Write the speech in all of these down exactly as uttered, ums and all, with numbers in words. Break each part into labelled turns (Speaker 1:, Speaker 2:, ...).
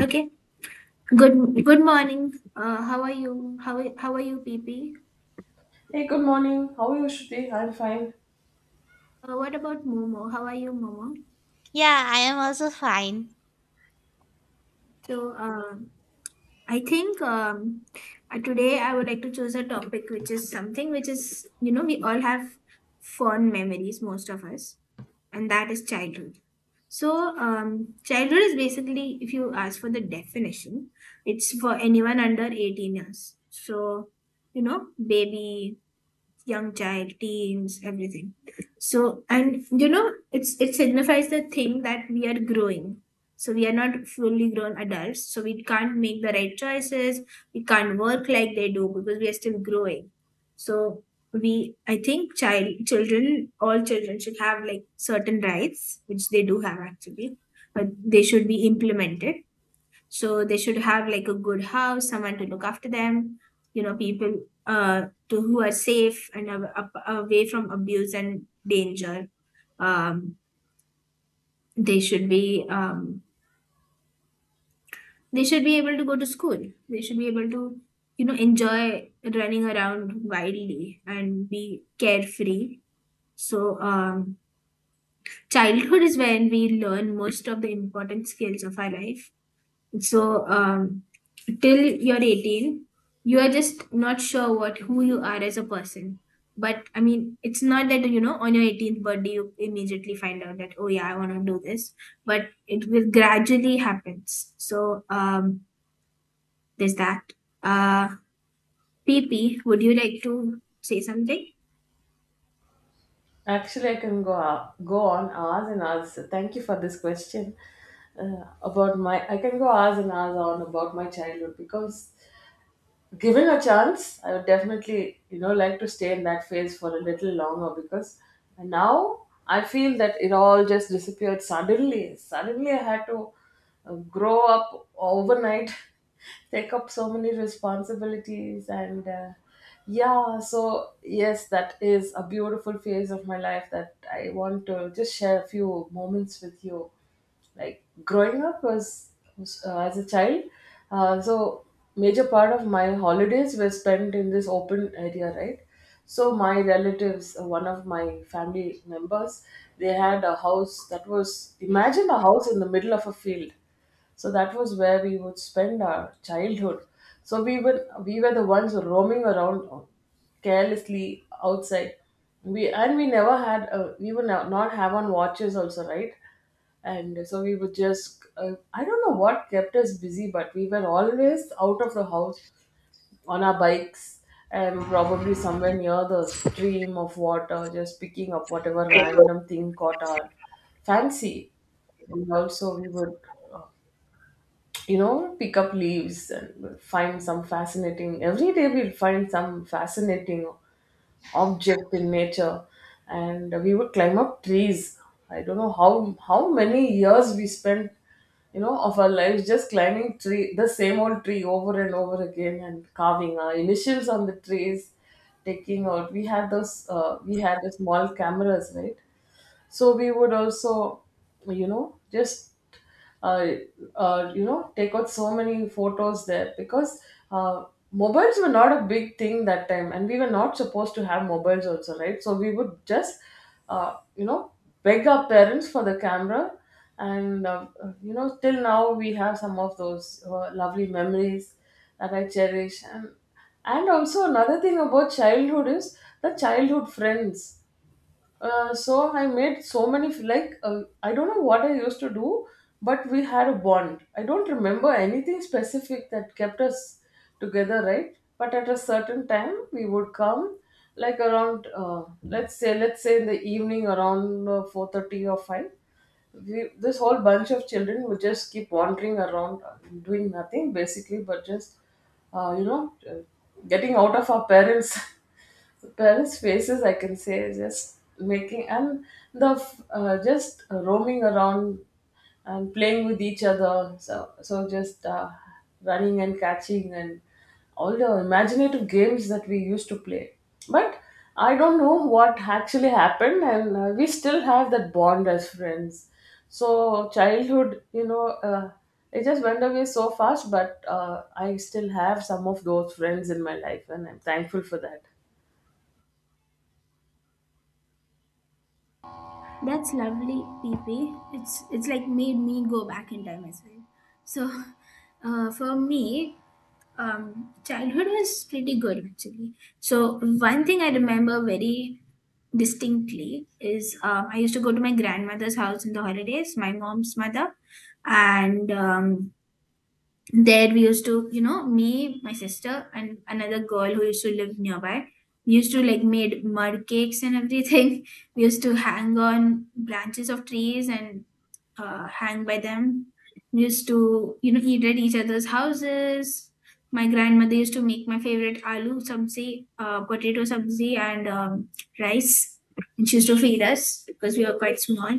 Speaker 1: Okay. Good good morning. Uh, how are you? How are- how are you, P P?
Speaker 2: Hey, good morning. How are you, Shruti? I'm fine.
Speaker 1: Uh, what about Momo? How are you, Momo?
Speaker 3: Yeah, I am also fine.
Speaker 1: So, um, I think um, uh, today I would like to choose a topic which is something which is you know we all have fond memories, most of us, and that is childhood. So, um, Childhood is basically, if you ask for the definition, it's for anyone under eighteen years. So, you know, baby, young child, teens, everything. So, and you know, it's it signifies the thing that we are growing. So we are not fully grown adults. So we can't make the right choices. We can't work like they do because we are still growing. So we, I think, child, children, all children should have like certain rights, which they do have actually, but they should be implemented so they should have like a good house, someone to look after them, you know, people uh, to who are safe and av- up- away from abuse and danger. Um, they should be um, they should be able to go to school. They should be able to you know enjoy running around wildly and be carefree. So um, Childhood is when we learn most of the important skills of our life. So um, Till you're eighteen, you are just not sure what who you are as a person. But I mean, it's not that you know on your eighteenth birthday you immediately find out that oh yeah I want to do this, but it will gradually happens. So um, there's that. Uh, P P, would you like to say something?
Speaker 2: Actually, I can go go on hours and hours, so thank you for this question uh, about my. I can go hours and hours on about my childhood because given a chance, I would definitely, you know, like to stay in that phase for a little longer because now I feel that it all just disappeared suddenly. Suddenly, I had to uh, grow up overnight, take up so many responsibilities, and uh, yeah, so yes, that is a beautiful phase of my life that I want to just share a few moments with you. Like growing up was, was, uh, as a child, uh, so major part of my holidays were spent in this open area, right? So my relatives, uh, one of my family members, they had a house that was, imagine a house in the middle of a field. So that was where we would spend our childhood. So we were we were the ones roaming around carelessly outside. We and we never had a, we would no- not have on watches also, right? And so we would just, uh, I don't know what kept us busy, but we were always out of the house on our bikes and probably somewhere near the stream of water, just picking up whatever random thing caught our fancy. And also we would uh, you know, pick up leaves and find some fascinating, every day we'd find some fascinating object in nature, and we would climb up trees. I don't know how how many years we spent, you know, of our lives just climbing tree, the same old tree, over and over again, and carving our initials on the trees. Taking out, we had those, uh, we had the small cameras, right? So we would also, you know, just uh, uh, you know, take out so many photos there because uh, mobiles were not a big thing that time, and we were not supposed to have mobiles also, right? So we would just uh, you know, beg our parents for the camera. And uh, you know, till now we have some of those uh, lovely memories that I cherish. and and also another thing about childhood is the childhood friends. Uh, so I made so many f- like, uh, I don't know what I used to do, but we had a bond. I don't remember anything specific that kept us together, right? But at a certain time, we would come like around, uh, let's say let's say in the evening around uh, four thirty or five. We, this whole bunch of children, would just keep wandering around, uh, doing nothing, basically, but just uh, you know uh, getting out of our parents', parents' faces I can say, just making, and the f- uh, just roaming around and playing with each other. So, so just uh, running and catching and all the imaginative games that we used to play. But I don't know what actually happened, and uh, we still have that bond as friends. So childhood, you know, uh, it just went away so fast. But uh, I still have some of those friends in my life, and I'm thankful for that.
Speaker 1: That's lovely, P P. It's it's like made me go back in time as well. So, uh, for me, Um, childhood was pretty good actually. So one thing I remember very distinctly is um, I used to go to my grandmother's house in the holidays, my mom's mother, and um, there we used to you know me my sister and another girl who used to live nearby we used to like made mud cakes and everything we used to hang on branches of trees and uh, hang by them we used to you know eat at each other's houses my grandmother used to make my favorite aloo sabzi uh, potato sabzi and um, rice and she used to feed us because we were quite small.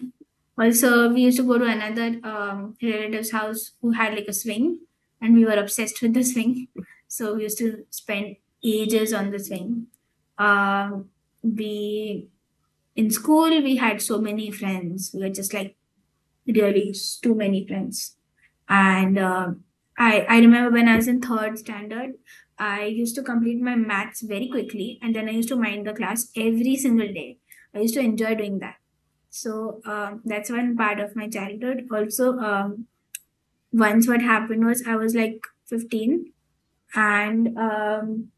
Speaker 1: Also we used to go to another um, relative's house who had like a swing and we were obsessed with the swing. So we used to spend ages on the swing. Uh, we in school we had so many friends. We were just like really too many friends. And uh, I I remember when I was in third standard, I used to complete my maths very quickly, and then I used to mind the class every single day. I used to enjoy doing that. So um, that's one part of my childhood. Also, um, once what happened was I was like fifteen and um,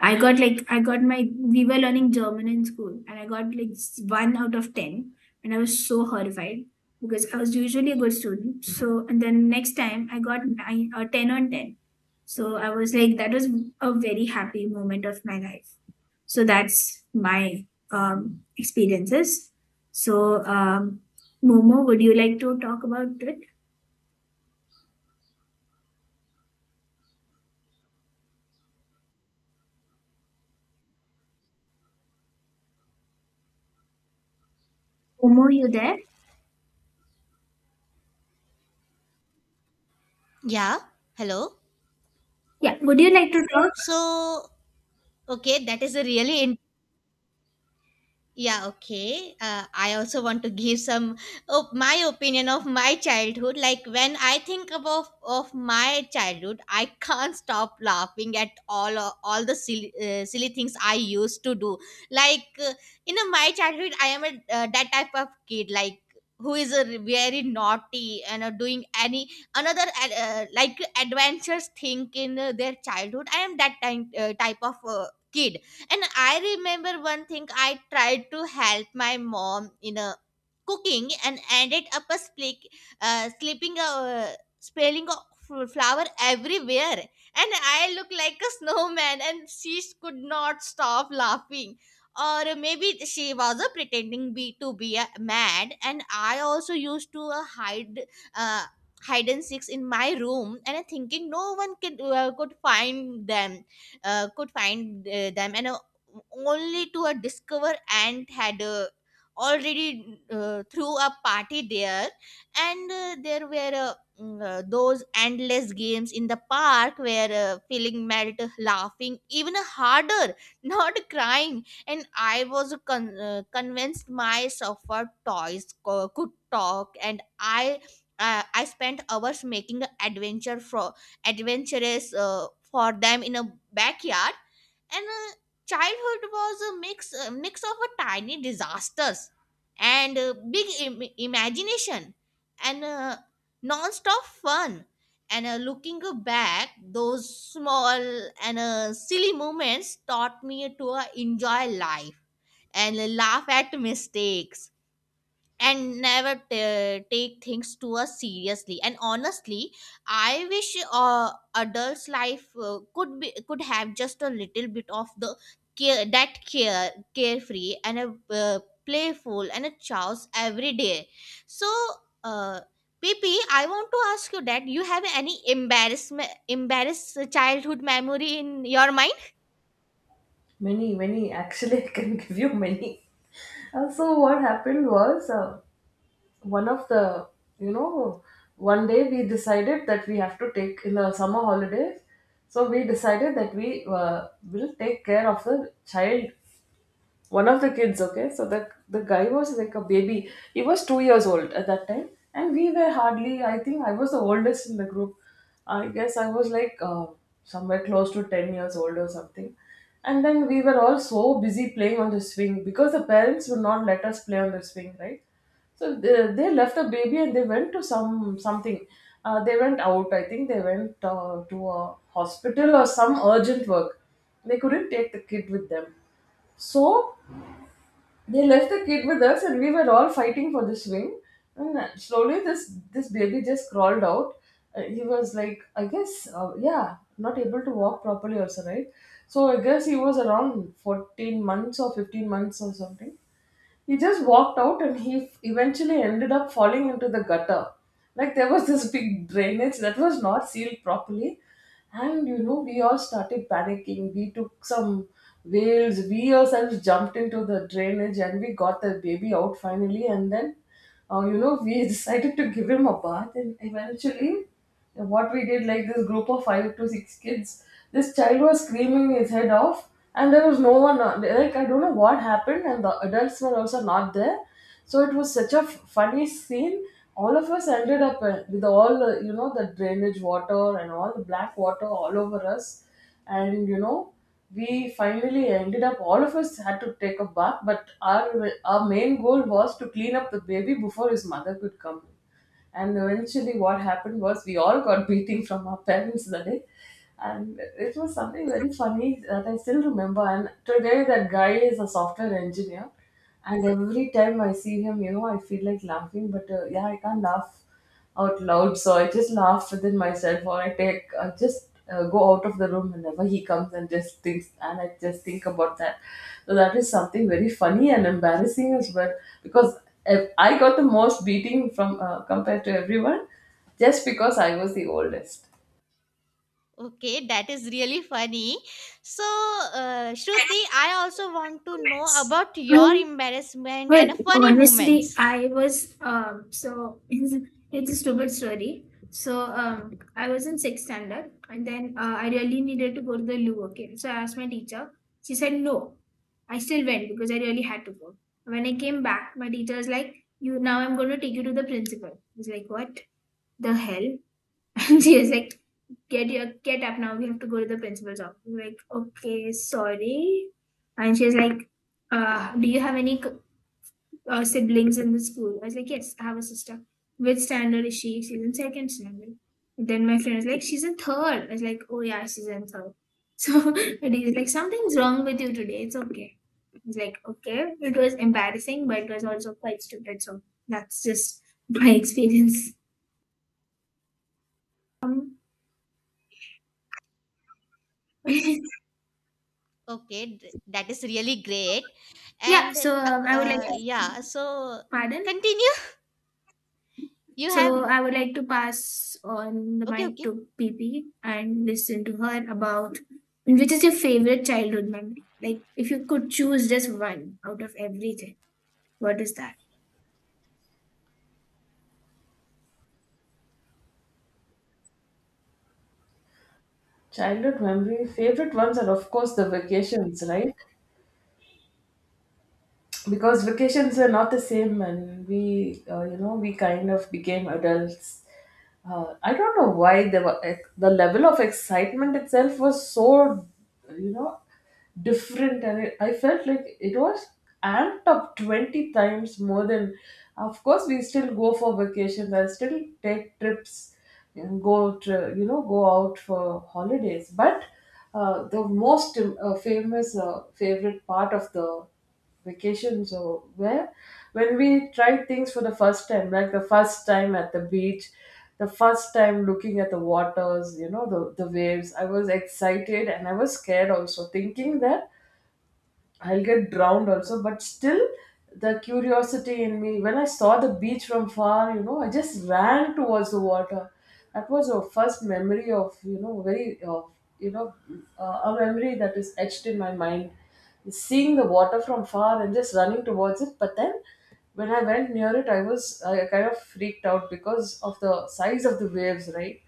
Speaker 1: I got like I got my we were learning German in school, and I got like s- one out of ten, and I was so horrified because I was usually a good student. So and then next time I got nine or ten on ten, so I was like that was a very happy moment of my life. So that's my um, experiences. So um, Momo, would you like to talk about it? Momo, you there?
Speaker 3: Yeah, hello.
Speaker 1: Yeah, would you like to talk?
Speaker 3: So, okay, that is a really— Yeah, okay. Uh, I also want to give some of my opinion of my childhood. Like when I think about of my childhood, I can't stop laughing at all uh, all the silly, uh, silly things I used to do. Like uh, in uh, my childhood, I am a uh, that type of kid like who is a very naughty and uh, doing any another ad- uh, like adventurous thing in uh, their childhood. I am that type uh, type of uh, kid. And I remember one thing, I tried to help my mom in a cooking and ended up a slick, uh, slipping a spilling of fl- flour everywhere, and I look like a snowman, and she could not stop laughing, or maybe she was uh, pretending be to be uh, mad. And I also used to uh, hide, uh, hide and seeks in my room, and uh, thinking no one could, uh, could find them, uh, could find uh, them, and uh, only to a discover ant had uh, already uh, threw a party there. And uh, there were uh, mm, uh, those endless games in the park where uh, feeling melt laughing even harder not crying. And I was con- uh, convinced my sofa toys co- could talk, and i uh, I spent hours making an adventure for adventurous uh, for them in a backyard. And uh, childhood was a mix a mix of a tiny disasters, and uh, big Im- imagination, and uh, non-stop fun. And uh, looking back, those small and uh, silly moments taught me to uh, enjoy life, and laugh at mistakes, and never t- take things too us seriously. And honestly, I wish uh, adults life uh, could be could have just a little bit of the care that care— carefree and a uh, playful and a chaos every day. So, uh, PP, I want to ask you that, you have any embarrassment embarrassed childhood memory in your mind?
Speaker 2: Many, many. Actually, I can give you many. Uh, so what happened was. Uh, one of the, you know, one day we decided that we have to take in the summer holidays. So we decided that we uh, will take care of the child, one of the kids. Okay, so the the guy was like a baby, he was two years old at that time. And we were hardly, I think I was the oldest in the group. I guess I was like uh, somewhere close to ten years old or something. And then we were all so busy playing on the swing because the parents would not let us play on the swing, right? So they, they left the baby and they went to some something. Uh, they went out. I think they went uh, to a hospital or some urgent work. They couldn't take the kid with them. So they left the kid with us and we were all fighting for the swing. And slowly this this baby just crawled out. Uh, he was like, I guess, uh, yeah, not able to walk properly also, right? So I guess he was around fourteen months or fifteen months or something. He just walked out and he eventually ended up falling into the gutter. Like there was this big drainage that was not sealed properly. And you know, we all started panicking. We took some whales, we ourselves jumped into the drainage and we got the baby out finally. And then, uh, you know, we decided to give him a bath and eventually, and what we did, like this group of five to six kids, this child was screaming his head off, and there was no one. uh, Like I don't know what happened, and the adults were also not there. So it was such a f- funny scene. All of us ended up uh, with all, uh, you know, the drainage water and all the black water all over us, and you know, we finally ended up. All of us had to take a bath, but our our main goal was to clean up the baby before his mother could come. And eventually, what happened was we all got beating from our parents that day. And it was something very funny that I still remember. And today, that guy is a software engineer. And every time I see him, you know, I feel like laughing, but uh, yeah, I can't laugh out loud. So I just laughed within myself, or I take, I just uh, go out of the room whenever he comes and just thinks, and I just think about that. So that is something very funny and embarrassing as well, because if I got the most beating from uh, compared to everyone, just because I was the oldest.
Speaker 3: Okay, that is really funny. So, uh,
Speaker 1: Yes,
Speaker 3: Shruti, I also want to know
Speaker 1: comments.
Speaker 3: about your
Speaker 1: Um,
Speaker 3: embarrassment
Speaker 1: Well,
Speaker 3: and funny
Speaker 1: honestly,
Speaker 3: moments.
Speaker 1: I was um so it's a stupid story. So um I was in sixth standard, and then uh, I really needed to go to the loo. Okay, so I asked my teacher. She said no. I still went because I really had to go. When I came back, my teacher was like, "You now I'm going to take you to the principal." I was like, "What the hell?" And she was like, "Get your get up now. We have to go to the principal's office." I was like, "Okay, sorry." And she was like, uh, "Do you have any uh, siblings in the school?" I was like, yes, I have a sister. Which standard is she? She's in second standard. Then my friend was like, she's in third. I was like, oh yeah, she's in third. So and he's like, something's wrong with you today. It's okay. He's like, okay. It was embarrassing, but it was also quite stupid. So that's just my experience. Um, yeah.
Speaker 3: Okay, th- that is really great. And
Speaker 1: So
Speaker 3: uh,
Speaker 1: um, I would like
Speaker 3: uh,
Speaker 1: to
Speaker 3: yeah, so
Speaker 1: pardon.
Speaker 3: continue. You have—
Speaker 1: So I would like to pass on the
Speaker 3: okay,
Speaker 1: mic
Speaker 3: okay.
Speaker 1: to P P and listen to her about which is your favorite childhood memory? Like if you could choose just one out of everything, what is that?
Speaker 2: Childhood memory, favorite ones are of course the vacations, right? Because vacations were not the same and we, uh, you know, we kind of became adults. uh, I don't know why there were ex- the level of excitement itself was so, you know, different. And it, I felt like it was amped up twenty times more than, of course we still go for vacations, I still take trips and go to, you know, go out for holidays. But uh, the most uh, famous uh, favorite part of the vacations or where, when we tried things for the first time, like the first time at the beach, the first time looking at the waters, you know, the, the waves. I was excited and I was scared also, thinking that I'll get drowned also, but still the curiosity in me. When I saw the beach from far, you know, I just ran towards the water. That was a first memory of, you know, very, uh, you know, uh, a memory that is etched in my mind. Seeing the water from far and just running towards it. But then when I went near it, I was, I kind of freaked out because of the size of the waves, right?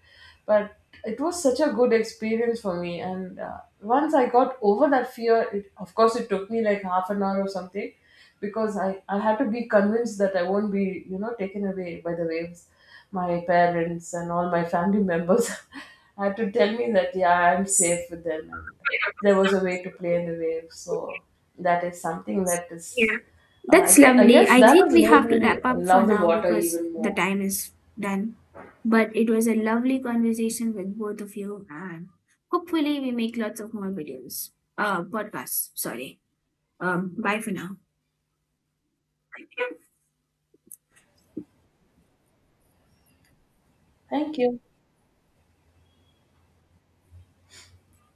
Speaker 2: But it was such a good experience for me. And uh, once I got over that fear, it, of course it took me like half an hour or something, because I, I had to be convinced that I won't be, you know, taken away by the waves. My parents and all my family members had to tell me that yeah, I'm safe with them, and there was a way to play in the waves. So that is something that is,
Speaker 1: Yeah,
Speaker 2: uh, I
Speaker 1: that's
Speaker 2: gue- I
Speaker 1: lovely.
Speaker 2: guess
Speaker 1: I
Speaker 2: that
Speaker 1: think
Speaker 2: has
Speaker 1: we
Speaker 2: made
Speaker 1: have to
Speaker 2: me
Speaker 1: wrap up for
Speaker 2: love the
Speaker 1: now
Speaker 2: water
Speaker 1: because
Speaker 2: even
Speaker 1: the
Speaker 2: more.
Speaker 1: time is done. But it was a lovely conversation with both of you, and hopefully, we make lots of more videos, uh, podcasts. Sorry. Um, bye for now.
Speaker 2: Thank you.